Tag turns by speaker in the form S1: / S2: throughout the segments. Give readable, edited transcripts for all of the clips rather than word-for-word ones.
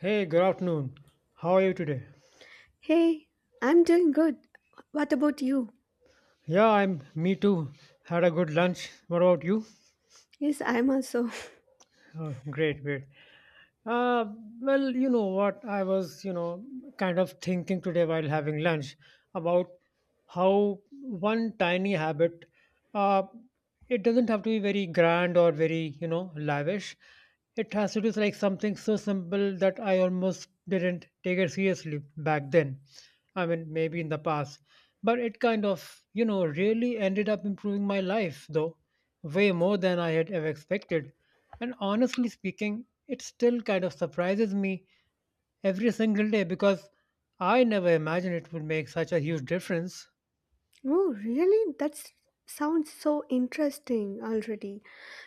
S1: Hey, good afternoon. How are you today?
S2: Hey, I'm doing good. What about you?
S1: Yeah, I'm me too. Had a good lunch. What about you?
S2: Yes, I'm also.
S1: Oh, great, great. Uh, well, you know what? I was kind of thinking today while having lunch about how one tiny habit, uh, it doesn't have to be very grand or very lavish. It has to do with like something so simple that I almost didn't take it seriously back then. I mean, maybe in the past, but it kind of really ended up improving my life, though way more than I had ever expected. And honestly speaking, it still kind of surprises me every single day, because I never imagined it would make such a huge difference.
S2: Oh, really? That sounds so interesting already.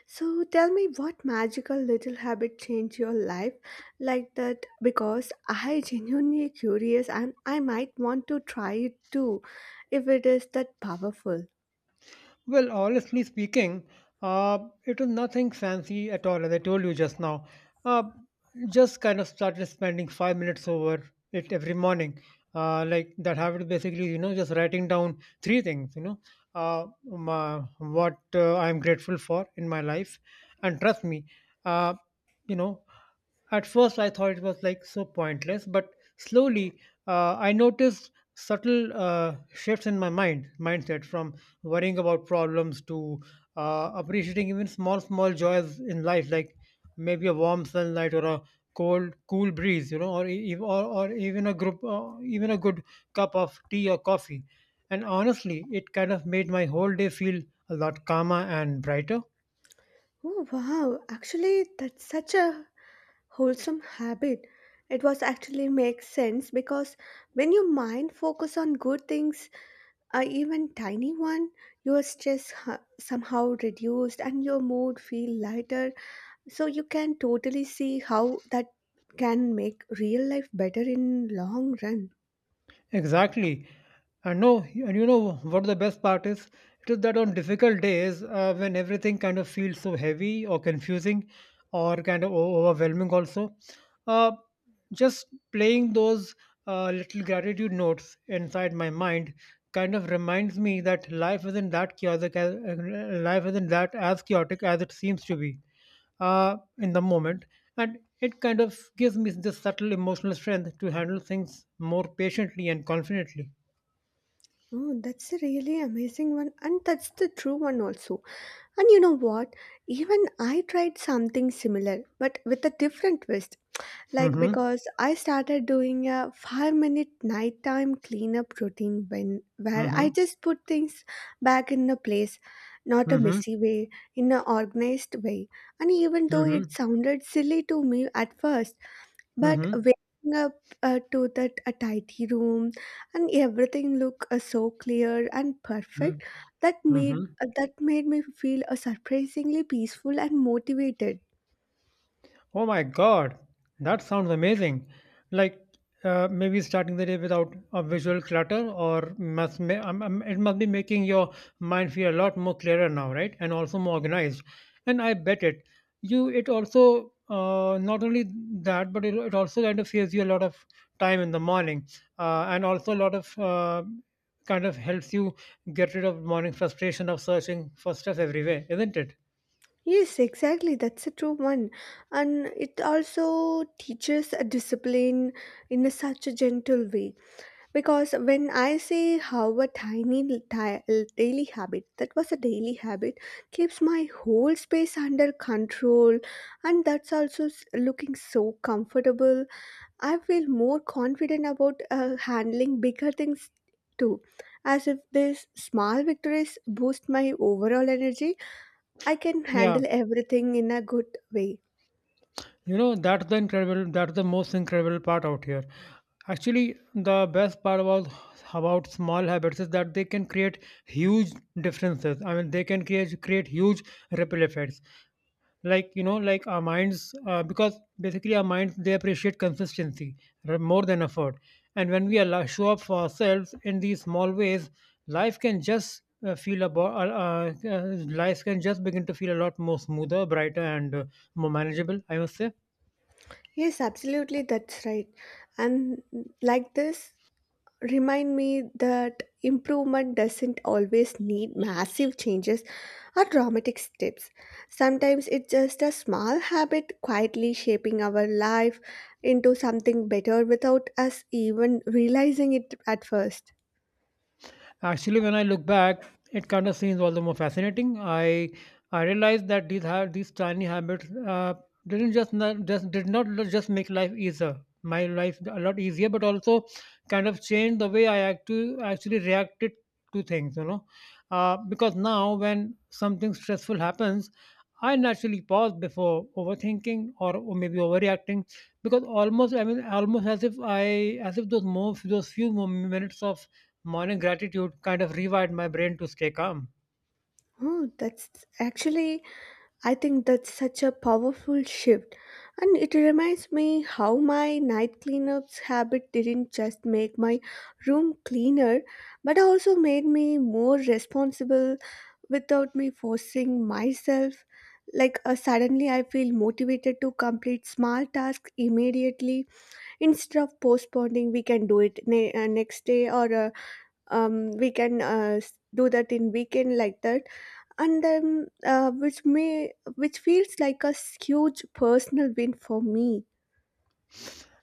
S2: So tell me what magical little habit changed your life like that because I genuinely curious and I might want to try it too if it is that powerful.
S1: Well, honestly speaking, uh, it was nothing fancy at all, as I told you just now. Uh, just kind of started spending 5 minutes over it every morning. Like that habit is basically just writing down three things, you know, my, what I'm grateful for in my life. And trust me, uh, you know, at first, I thought it was like so pointless, but slowly I noticed subtle shifts in my mindset from worrying about problems to appreciating even small, small joys in life, like maybe a warm sunlight or a cold, cool breeze, or or even even a good cup of tea or coffee. And honestly, it kind of made my whole day feel a lot calmer and brighter.
S2: Oh wow, actually that's such a wholesome habit. It was actually makes sense because when your mind focus on good things, even tiny one, your stress somehow reduced and your mood feel lighter, so you can totally see how that can make real life better in long run.
S1: Exactly. And no, and you know what the best part is? It is that on difficult days, when everything kind of feels so heavy or confusing or kind of overwhelming, also, uh, just playing those little gratitude notes inside my mind kind of reminds me that life isn't that chaotic, as, life isn't that as chaotic as it seems to be in the moment. And it kind of gives me this subtle emotional strength to handle things more patiently and confidently.
S2: Oh, that's a really amazing one, and that's the true one also. And you know what, even I tried something similar but with a different twist. Like,
S1: Mm-hmm.
S2: because I started doing a 5-minute nighttime cleanup routine when where I
S1: Mm-hmm.
S2: just put things back in the place, not a
S1: Mm-hmm.
S2: messy way, in an organized way. And even though
S1: Mm-hmm.
S2: it sounded silly to me at first, but
S1: Mm-hmm.
S2: waking up to that a tidy room and everything look so clear and
S1: Mm-hmm.
S2: perfect, that made
S1: Mm-hmm.
S2: that made me feel surprisingly peaceful and motivated.
S1: Oh my God, that sounds amazing. Like maybe starting the day without a visual clutter, or it must be making your mind feel a lot more clearer now, right? And also more organized. And I bet it. You it also not only that, but it also kind of saves you a lot of time in the morning, and also a lot of kind of helps you get rid of morning frustration of searching for stuff everywhere, isn't it?
S2: Yes, exactly. That's a true one. And it also teaches a discipline in a such a gentle way. Because when I say how a daily habit, that was a daily habit, keeps my whole space under control. And that's also looking so comfortable. I feel more confident about handling bigger things too. As if these small victories boost my overall energy, I can
S1: Yeah.
S2: handle everything in a good way.
S1: You know, that's the incredible, that's the most incredible part out here. Actually, the best part about small habits is that they can create huge differences. I mean, they can create huge ripple effects. Like you know, like our minds, because basically our minds, they appreciate consistency more than effort. And when we allow, show up for ourselves in these small ways, life can just feel about life can just begin to feel a lot more smoother, brighter, and more manageable, I must say.
S2: Yes, absolutely, that's right. And like this, remind me that improvement doesn't always need massive changes or dramatic steps. Sometimes it's just a small habit quietly shaping our life into something better without us even realizing it at first.
S1: Actually, when I look back, it kind of seems all the more fascinating. I realized that these tiny habits didn't just not, just did not lo- just make my life a lot easier, but also kind of changed the way I actually reacted to things. Because now when something stressful happens, I naturally pause before overthinking or maybe overreacting, because almost as if I as if those more those few more minutes of morning gratitude kind of rewired my brain to stay calm.
S2: Oh, that's actually, I think that's such a powerful shift, and it reminds me how my night cleanups habit didn't just make my room cleaner, but also made me more responsible without me forcing myself. Like suddenly, I feel motivated to complete small tasks immediately instead of postponing. We can do it next day, or we can do that in weekend like that, and then which may which feels like a huge personal win for me.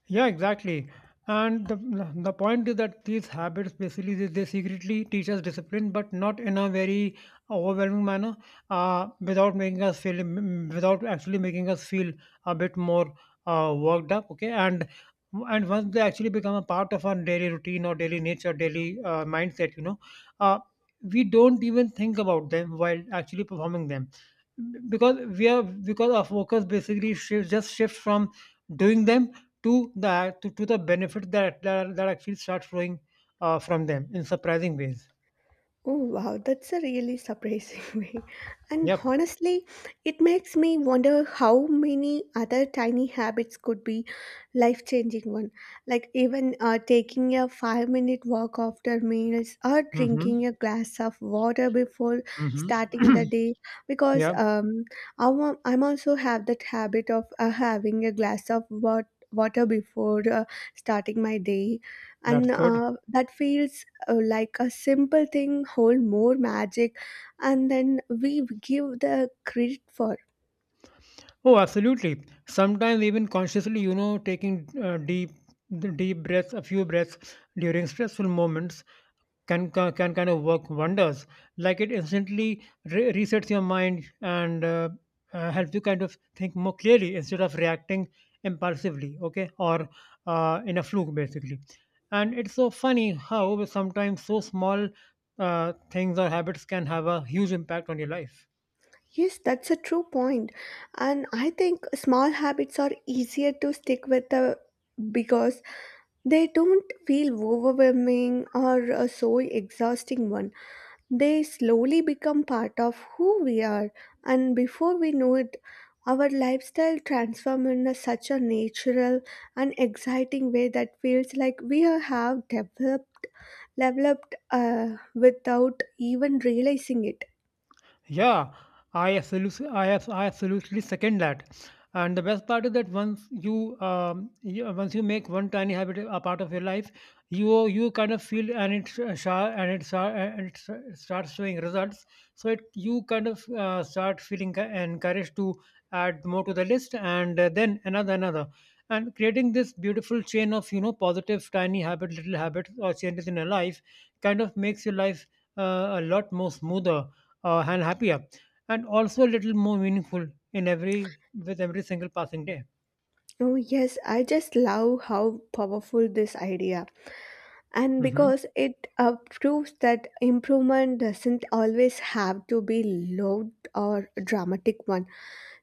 S1: Yeah, exactly. And the point is that these habits basically they secretly teach us discipline, but not in a very overwhelming manner, without making us feel mm, without actually making us feel a bit more worked up. Okay, and once they actually become a part of our daily routine or daily nature, daily mindset, uh, we don't even think about them while actually performing them, because we are because our focus basically shifts from doing them to the benefits that, that actually start flowing from them in surprising ways.
S2: Oh wow, that's a really surprising way. And
S1: Yep.
S2: honestly, it makes me wonder how many other tiny habits could be life-changing one. Like even taking a five-minute walk after meals, or
S1: Mm-hmm.
S2: drinking a glass of water before starting
S1: Mm-hmm.
S2: the day. Because
S1: Yeah,
S2: I'm also have that habit of having a glass of water before starting my day,
S1: that's
S2: and
S1: good.
S2: that feels like a simple thing hold more magic, and then we give the credit for.
S1: Oh, absolutely. Sometimes even consciously, you know, taking deep breaths, a few breaths during stressful moments can kind of work wonders. Like it instantly resets your mind and helps you kind of think more clearly instead of reacting impulsively, okay, or in a fluke basically. And it's so funny how sometimes so small things or habits can have a huge impact on your life.
S2: Yes, that's a true point, and I think small habits are easier to stick with, because they don't feel overwhelming or a so exhausting one. They slowly become part of who we are, and before we know it, our lifestyle transforms in a such a natural and exciting way that feels like we are- have developed without even realizing it.
S1: Yeah, I absolutely second that. And the best part is that once you make one tiny habit a part of your life, you kind of feel, and it sh- sh- and it sh- and it sh- starts showing results. So it you kind of start feeling encouraged to add more to the list, and then another, and creating this beautiful chain of positive little habits or changes in your life kind of makes your life a lot more smoother and happier, and also a little more meaningful in every with every single passing day.
S2: Oh yes, I just love how powerful this idea, and
S1: Mhm.
S2: because it proves that improvement doesn't always have to be loud or dramatic one.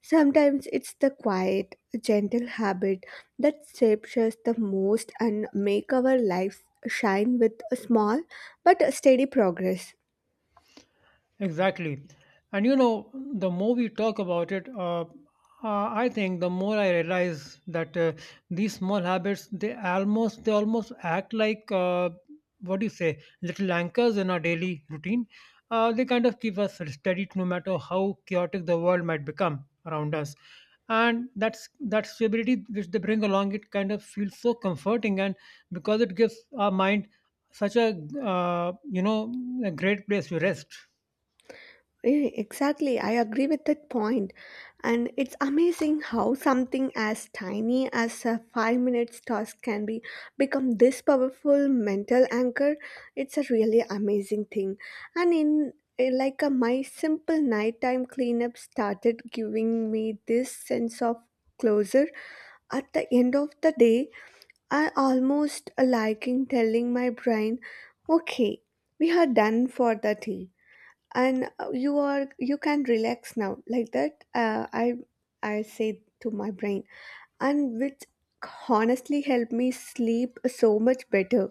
S2: Sometimes it's the quiet, gentle habit that shapes us the most and make our lives shine with a small but steady progress.
S1: Exactly. And you know, the more we talk about it, I think the more I realize that these small habits, they almost act like what do you say, little anchors in our daily routine. They kind of keep us steady no matter how chaotic the world might become around us. And that's that stability which they bring along, it kind of feels so comforting, and because it gives our mind such a you know a great place to rest.
S2: Yeah, exactly, I agree with that point. And it's amazing how something as tiny as a 5 minutes task can be become this powerful mental anchor. It's a really amazing thing. And in like a, my simple nighttime cleanup started giving me this sense of closure at the end of the day. I almost liking telling my brain, okay, we are done for the day, and you are you can relax now, like that I say to my brain, and which honestly helped me sleep so much better.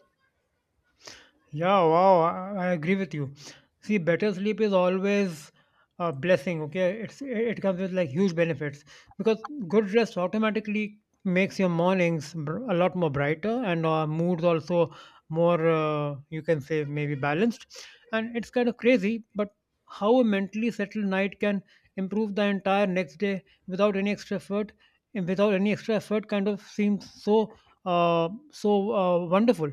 S1: Yeah, wow, I agree with you. See, better sleep is always a blessing, okay? It comes with like huge benefits, because good rest automatically makes your mornings a lot more brighter and moods also more, you can say, maybe balanced. And it's kind of crazy, but how a mentally settled night can improve the entire next day without any extra effort, kind of seems so wonderful.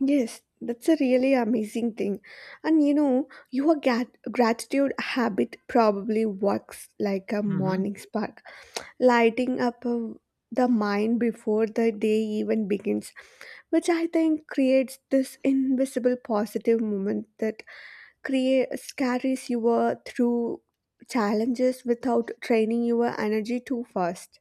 S2: Yes, that's a really amazing thing. And you know, your gratitude habit probably works like a
S1: Mhm.
S2: morning spark lighting up the mind before the day even begins, which I think creates this invisible positive moment that create carries you through challenges without draining your energy too fast.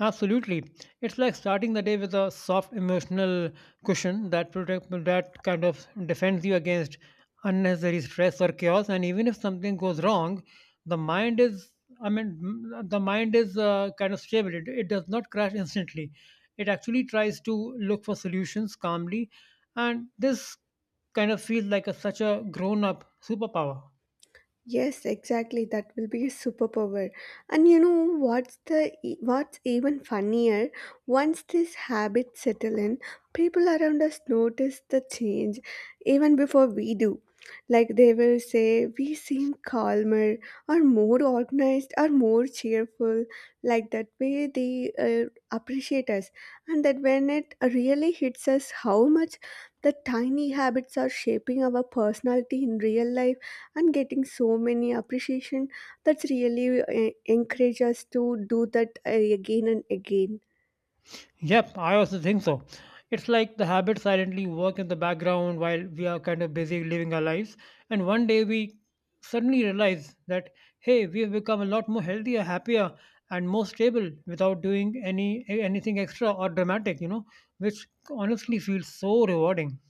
S1: Absolutely. It's like starting the day with a soft emotional cushion that kind of defends you against unnecessary stress or chaos, and even if something goes wrong, the mind is I mean m- the mind is kind of stable. It does not crash instantly. It actually tries to look for solutions calmly, and this kind of feels like such a grown up superpower.
S2: Yes, exactly. That will be a superpower. And you know what's the what's even funnier? Once this habit settle in, people around us notice the change even before we do. Like they will say, we seem calmer, or more organized, or more cheerful. Like that way, they appreciate us, and that when it really hits us, how much the tiny habits are shaping our personality in real life, and getting so many appreciation, that's really encourage us to do that again and again.
S1: Yep, I also think so. It's like the habits silently work in the background while we are kind of busy living our lives. And one day we suddenly realize that, hey, we have become a lot more healthier, happier, and more stable without doing anything extra or dramatic, you know, which honestly feels so rewarding.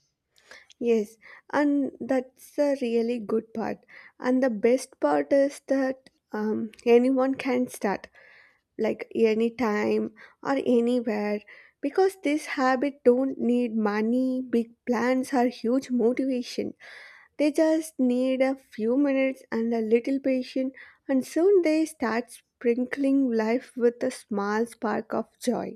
S2: Yes, and that's a really good part. And the best part is that, anyone can start, like anytime or anywhere, because this habit don't need money, big plans, or huge motivation. They just need a few minutes and a little patience, and soon they start sprinkling life with a small spark of joy.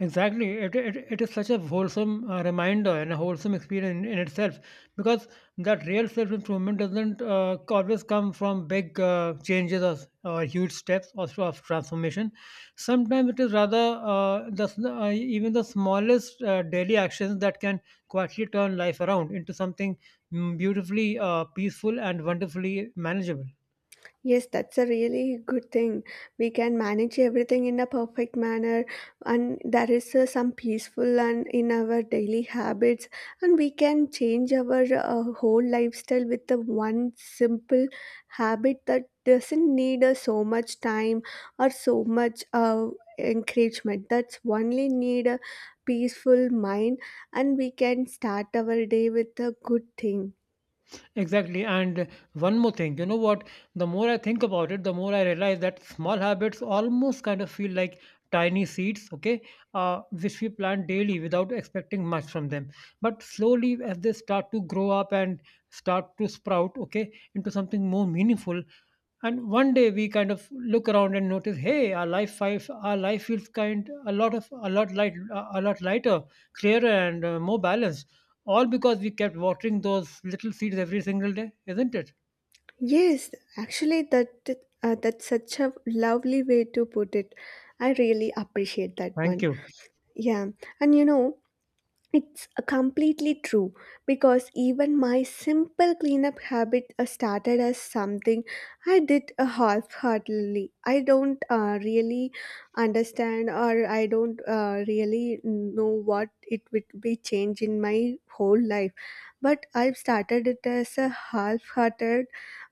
S1: Exactly. It is such a wholesome reminder and a wholesome experience in itself, because that real self improvement doesn't always come from big changes, or huge steps, or sort of transformation. Sometimes it is rather even the smallest daily actions that can quietly turn life around into something beautifully peaceful and wonderfully manageable.
S2: Yes, that's a really good thing. We can manage everything in a perfect manner, and there is some peaceful and in our daily habits, and we can change our whole lifestyle with the one simple habit that doesn't need so much time or so much encouragement. That's only need a peaceful mind, and we can start our day with a good thing.
S1: Exactly. And one more thing, you know what? The more I think about it, the more I realize that small habits almost kind of feel like tiny seeds, okay, which we plant daily without expecting much from them. But slowly, as they start to grow up and start to sprout, okay, into something more meaningful. And one day we kind of look around and notice, hey, our life feels kind a lot of a lot light a lot lighter, clearer, and more balanced, all because we kept watering those little seeds every single day, isn't it?
S2: Yes, actually, that that's such a lovely way to put it. I really appreciate that
S1: Thank
S2: one.
S1: you.
S2: Yeah, and you know, it's completely true, because even my simple cleanup habit started as something I did half-heartedly. I don't really understand, or I don't really know what it would be change in my whole life. But I've started it as a half-hearted,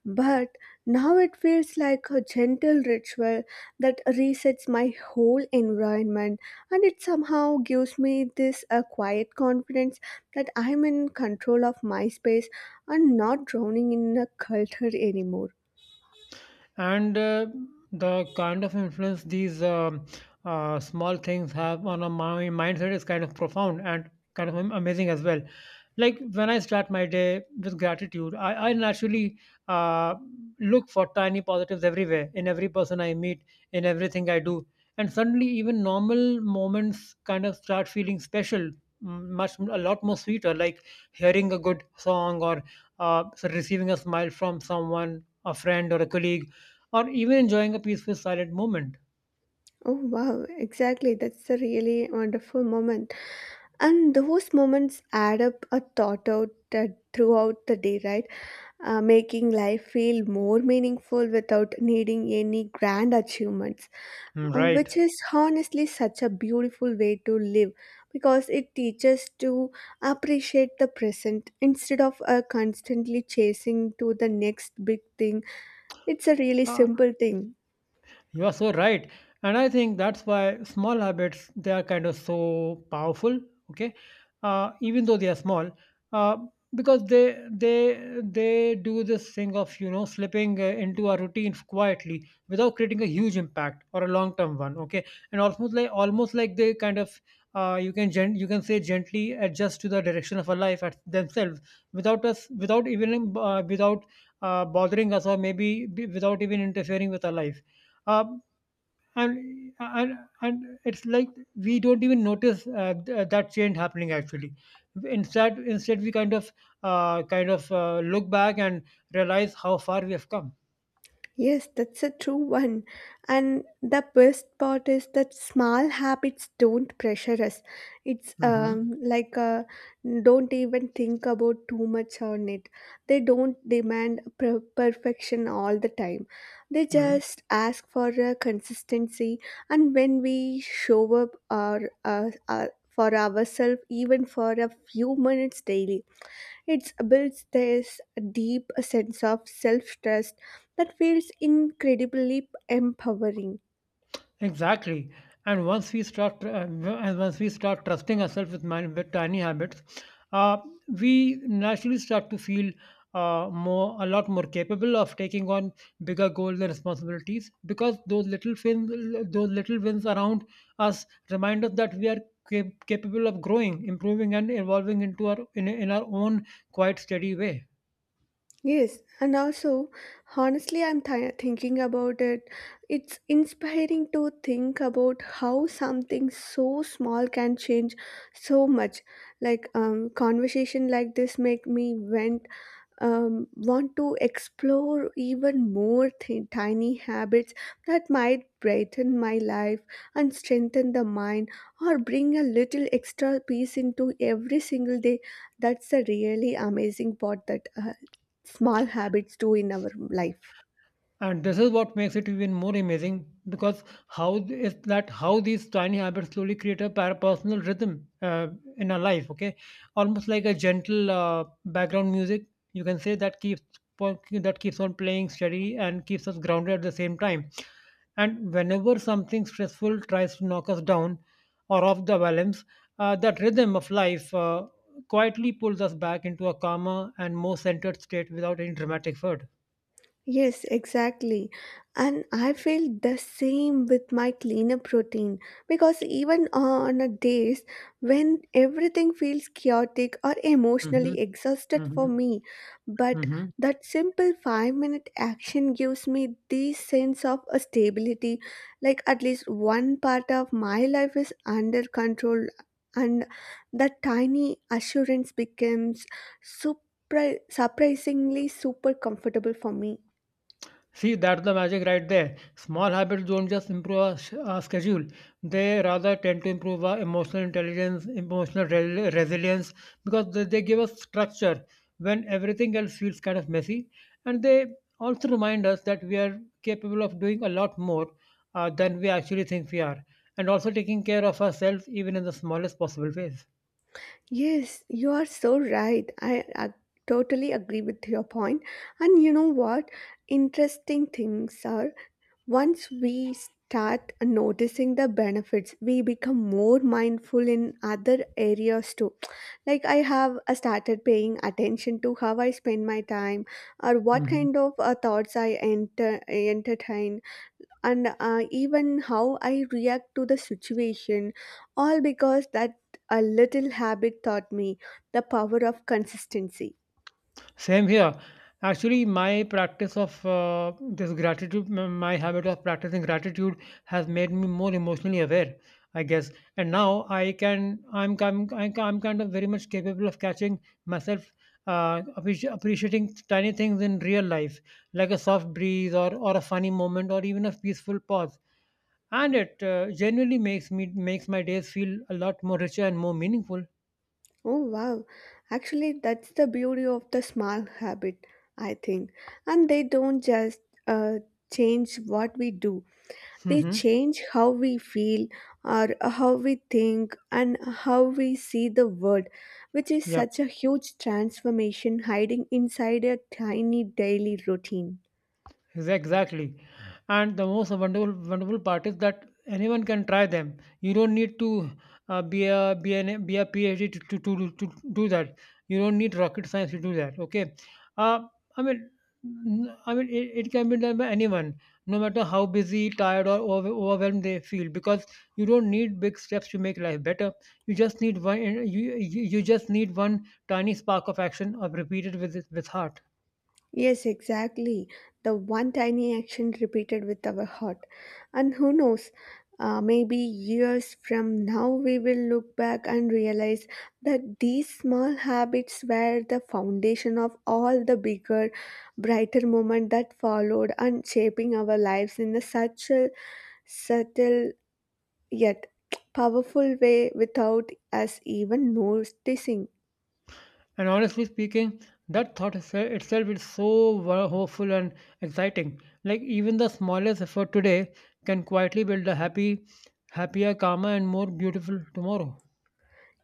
S2: but now it feels like a gentle ritual that resets my whole environment, and it somehow gives me this a quiet confidence that I'm in control of my space, and not drowning in a culture anymore.
S1: And the kind of influence these small things have on a my mindset is kind of profound and kind of amazing as well. Like when I start my day with gratitude, I naturally uh, look for tiny positives everywhere, in every person I meet, in everything I do. And suddenly even normal moments kind of start feeling special, much a lot more sweeter, like hearing a good song, or receiving a smile from someone, a friend or a colleague, or even enjoying a peaceful silent moment.
S2: Oh wow, exactly, that's a really wonderful moment. And those moments add up a thought out, uh, throughout the day, right? Making life feel more meaningful without needing any grand achievements,
S1: Mm, right.
S2: which is honestly such a beautiful way to live, because it teaches to appreciate the present instead of constantly chasing to the next big thing. It's a really simple thing.
S1: You are so right. And I think that's why small habits, they are kind of so powerful, okay? Even though they are small, uh, because they do this thing of slipping into a routine quietly without creating a huge impact or a long term one, okay? And almost like they kind of you can you can say gently adjust to the direction of our life at themselves without even without bothering us or without even interfering with our life. Uh, and and and it's like we don't even notice that change happening actually. Instead we kind of look back and realize how far we have come.
S2: Yes, that's a true one. And the best part is that small habits don't pressure us. It's
S1: Hmm.
S2: like don't even think about too much on it. They don't demand perfection all the time. They just ask for consistency. And when we show up for ourselves, even for a few minutes daily, it builds this deep sense of self trust that feels incredibly empowering.
S1: Exactly. And once we start trusting ourselves with, with tiny habits, uh, we naturally start to feel a lot more capable of taking on bigger goals and responsibilities, because those little wins around us remind us that we are capable of growing, improving, and evolving into in our own quite steady way.
S2: Yes, and also, honestly, I'm thinking about it. It's inspiring to think about how something so small can change so much. Like, conversation like this make me went, want to explore even more tiny habits that might brighten my life and strengthen the mind, or bring a little extra peace into every single day. That's a really amazing part that small habits do in our life.
S1: And this is what makes it even more amazing, because how th- is that how these tiny habits slowly create a personal rhythm in our life, okay? Almost like a gentle background music, you can say, that keeps that keeps on playing steady and keeps us grounded at the same time. And whenever something stressful tries to knock us down or off the balance, that rhythm of life quietly pulls us back into a calmer and more centered state without any dramatic effort.
S2: Yes, exactly. And I feel the same with my cleanup routine, because even on a days when everything feels chaotic or
S1: Hmm.
S2: emotionally exhausted for
S1: Hmm.
S2: me, but
S1: Mhm.
S2: that simple 5 minute action gives me the sense of a stability, like at least one part of my life is under control, and that tiny assurance becomes super surprisingly super comfortable for me.
S1: See, that's the magic right there. Small habits don't just improve our schedule, they rather tend to improve our emotional intelligence, emotional resilience, because they give us structure when everything else feels kind of messy. And they also remind us that we are capable of doing a lot more than we actually think we are, and also taking care of ourselves even in the smallest possible ways.
S2: Yes, you are so right. I totally agree with your point. And you know what? Interesting things are, once we start noticing the benefits, we become more mindful in other areas too. Like I have started paying attention to how I spend my time, or what kind of thoughts I entertain, and even how I react to the situation, all because that a little habit taught me the power of consistency.
S1: Same here. Actually, my practice of this gratitude, my habit of practicing gratitude has made me more emotionally aware, I guess. And now I can, I'm kind of very much capable of catching myself appreciating tiny things in real life, like a soft breeze or a funny moment or even a peaceful pause. And it genuinely makes my days feel a lot more richer and more meaningful.
S2: Oh wow, actually, that's the beauty of the small habit, I think. And they don't just uh, change what we do, they
S1: Hmm.
S2: change how we feel, or how we think, and how we see the world, which is
S1: Yep.
S2: such a huge transformation hiding inside a tiny daily routine.
S1: Exactly. And the most wonderful part is that anyone can try them. You don't need to be a PhD to, to do that. You don't need rocket science to do that. Okay. Uh, I mean, I mean, it can be done by anyone, no matter how busy, tired, or overwhelmed they feel. Because you don't need big steps to make life better. You just need one. You you just need one tiny spark of action, of repeated with heart.
S2: Yes, exactly. The one tiny action repeated with our heart. And who knows, maybe years from now we will look back and realize that these small habits were the foundation of all the bigger, brighter moments that followed, and shaping our lives in a such a subtle yet powerful way without us even noticing.
S1: And honestly speaking, that itself is so hopeful and exciting. Like even the smallest effort today can quietly build a happier, calmer, and more beautiful tomorrow.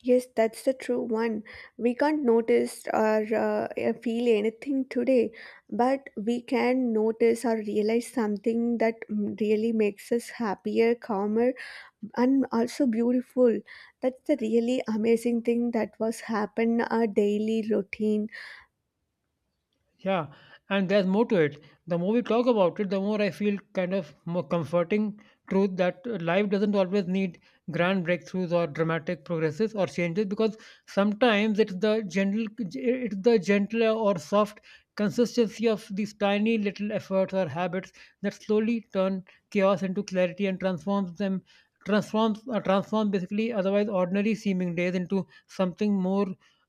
S2: Yes, that's the true one. We can't notice or feel anything today, but we can notice or realize something that really makes us happier, calmer, and also beautiful. That's the really amazing thing that was happen our daily routine.
S1: Yeah, and there's more to it. The more we talk about it, the more I feel kind of more comforting truth that life doesn't always need grand breakthroughs or dramatic progresses or changes, because sometimes it's it's the gentler or soft consistency of these tiny little efforts or habits that slowly turn chaos into clarity and transforms them transforms transform basically otherwise ordinary seeming days into something more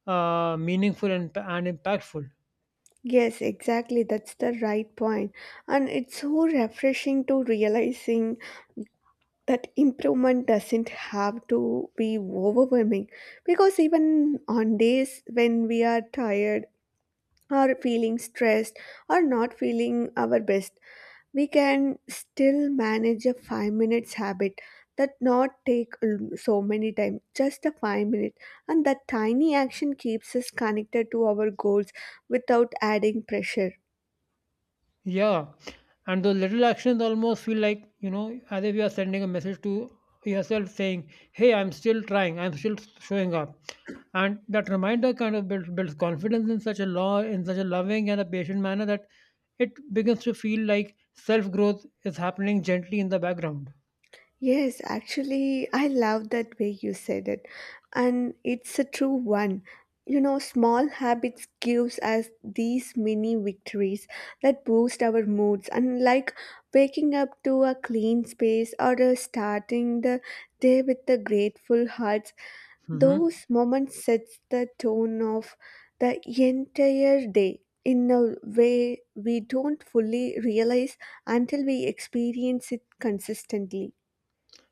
S1: meaningful and impactful.
S2: Yes, exactly. That's the right point, and it's so refreshing to realizing that improvement doesn't have to be overwhelming because even on days when we are tired or feeling stressed or not feeling our best we can still manage a 5 minutes habit that not take l- so many time just a 5 minute, and that tiny action keeps us connected to our goals without adding pressure.
S1: Yeah, and those little actions almost feel like, you know, as if you are sending a message to yourself saying, hey, I'm still trying, I'm still showing up. And that reminder kind of builds confidence in such a law, in such a loving and a patient manner that it begins to feel like self growth is happening gently in the background.
S2: Yes, actually, I love that way you said it. And it's a true one. You know, small habits gives us these mini victories that boost our moods, and like waking up to a clean space or starting the day with the grateful hearts.
S1: Mhm.
S2: Those moments sets the tone of the entire day in a way we don't fully realize until we experience it consistently.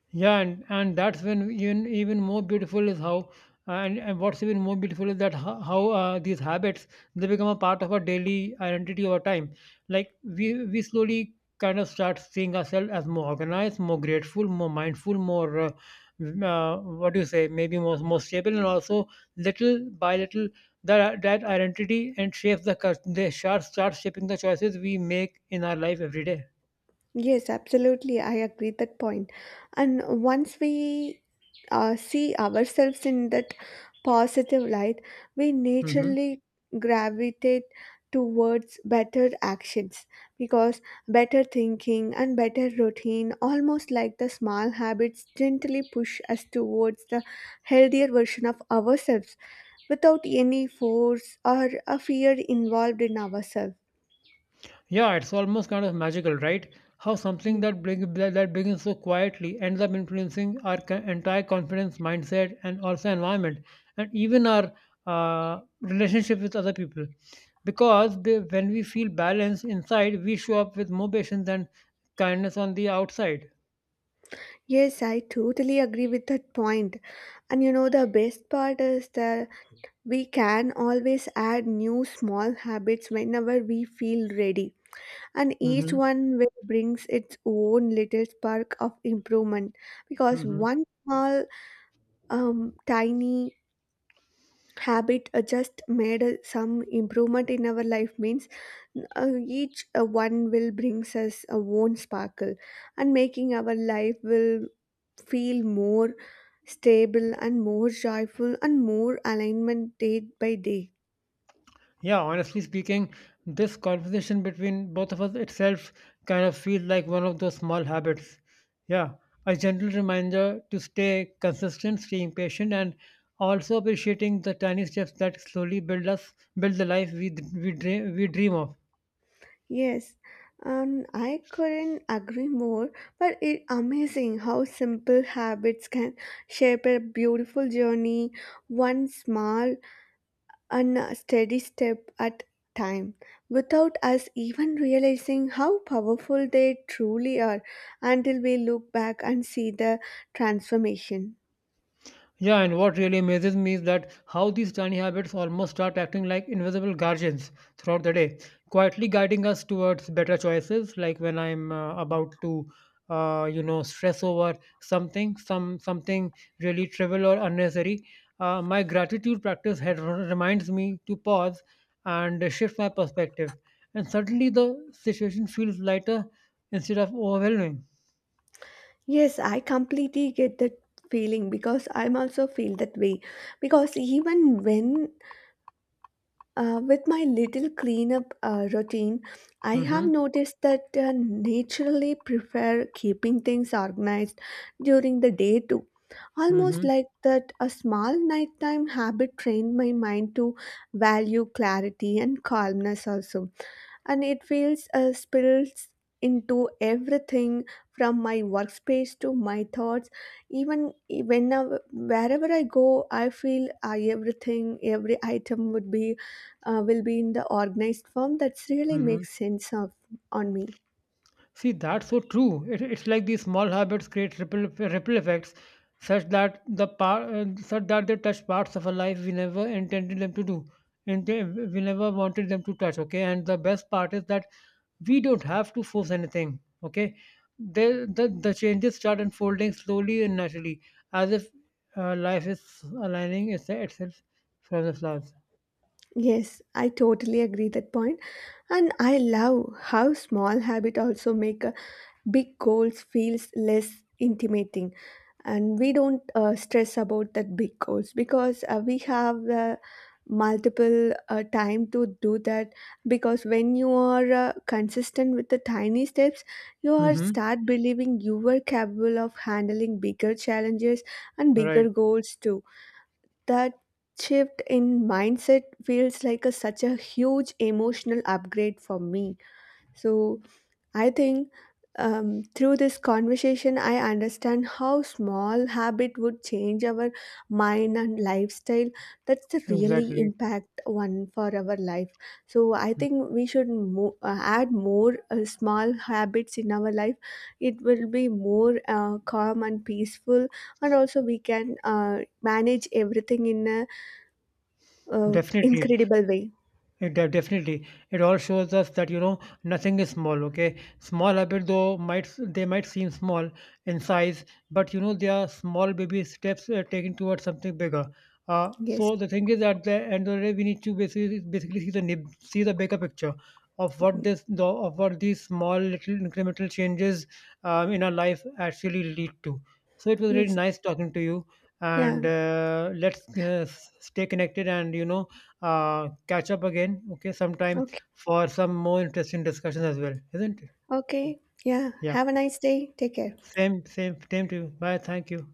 S1: Yeah, and that's when even even more beautiful is how and what's even more beautiful is that how these habits they become a part of our daily identity over time. Like we slowly kind of start seeing ourselves as more organized, more grateful, more mindful, more what do you say, maybe more stable, and also little by little that identity and shapes the they start shaping the choices we make in our life every day.
S2: Yes, absolutely. I agree that point. And once we see ourselves in that positive light, we
S1: Mm-hmm.
S2: naturally gravitate towards better actions because better thinking and better routine, almost like the small habits, gently push us towards the healthier version of ourselves without any force or a fear involved in ourselves.
S1: Yeah, it's almost kind of magical, right? How something that that begins so quietly ends up influencing our entire confidence, mindset, and also environment, and even our relationship with other people. Because when we feel balanced inside, we show up with more patience and kindness on the outside.
S2: Yes, I totally agree with that point. And you know, the best part is that we can always add new small habits whenever we feel ready. And each
S1: Mm-hmm.
S2: one will brings its own little spark of improvement because one small, tiny habit just made some improvement in our life means each one will brings us a own sparkle, and making our life will feel more stable and more joyful and more alignment day by day.
S1: Yeah, honestly speaking, this conversation between both of us itself kind of feels like one of those small habits. Yeah, a gentle reminder to stay consistent, staying patient, and also appreciating the tiny steps that slowly build us, build the life we dream of.
S2: Yes, and I couldn't agree more, but it's amazing how simple habits can shape a beautiful journey, one small and steady step at time without us even realizing how powerful they truly are until we look back and see the transformation.
S1: Yeah, and what really amazes me is that how these tiny habits almost start acting like invisible guardians throughout the day, quietly guiding us towards better choices. Like when I'm about to, you know, stress over some something really trivial or unnecessary, my gratitude practice had reminds me to pause and shift my perspective, and suddenly the situation feels lighter instead of overwhelming.
S2: Yes, I completely get that feeling because I'm also feel that way. Because even when with my little cleanup routine, I have
S1: Mm-hmm.
S2: noticed that naturally prefer keeping things organized during the day too. Almost
S1: Mm-hmm.
S2: like that, a small nighttime habit trained my mind to value clarity and calmness also, and it feels spills into everything from my workspace to my thoughts, even whenever wherever I go I feel everything every item would be will be in the organized form, that's really
S1: Mm-hmm.
S2: makes sense of on me.
S1: See, that's so true. It, it's like these small habits create ripple effects, such that such that they touch parts of our life we never intended them to do, and we never wanted them to touch. Okay, and the best part is that we don't have to force anything. Okay, the the changes start unfolding slowly and naturally, as if life is itself from the flowers.
S2: Yes, I totally agree that point. And I love how small habit also make a big goals feels less intimidating, and we don't stress about that big goals because we have multiple time to do that because when you are consistent with the tiny steps you are
S1: Mm-hmm.
S2: start believing you were capable of handling bigger challenges and bigger
S1: Right.
S2: goals too. That shift in mindset feels like a, such a huge emotional upgrade for me, so I think through this conversation, I understand how small habit would change our mind and lifestyle. That's the really
S1: Exactly.
S2: impact one for our life. So I think we should add more small habits in our life. It will be more calm and peaceful, and also we can manage everything in a
S1: Definitely.
S2: incredible way.
S1: It definitely. It all shows us that you know nothing is small. Okay, small habit though might they might seem small in size, but you know they are small baby steps taken towards something bigger.
S2: Yes.
S1: So the thing is, at the end of the day, we need to basically see see the bigger picture of of what these small little incremental changes in our life actually lead to. So it was really
S2: Yes.
S1: nice talking to you,
S2: Yeah.
S1: and let's stay connected and you know catch up again, okay, sometime
S2: Okay.
S1: for some more interesting discussions as well, isn't it?
S2: Okay. Yeah.
S1: Yeah.
S2: Have a nice day. Take care.
S1: Same to you. Bye. Thank you.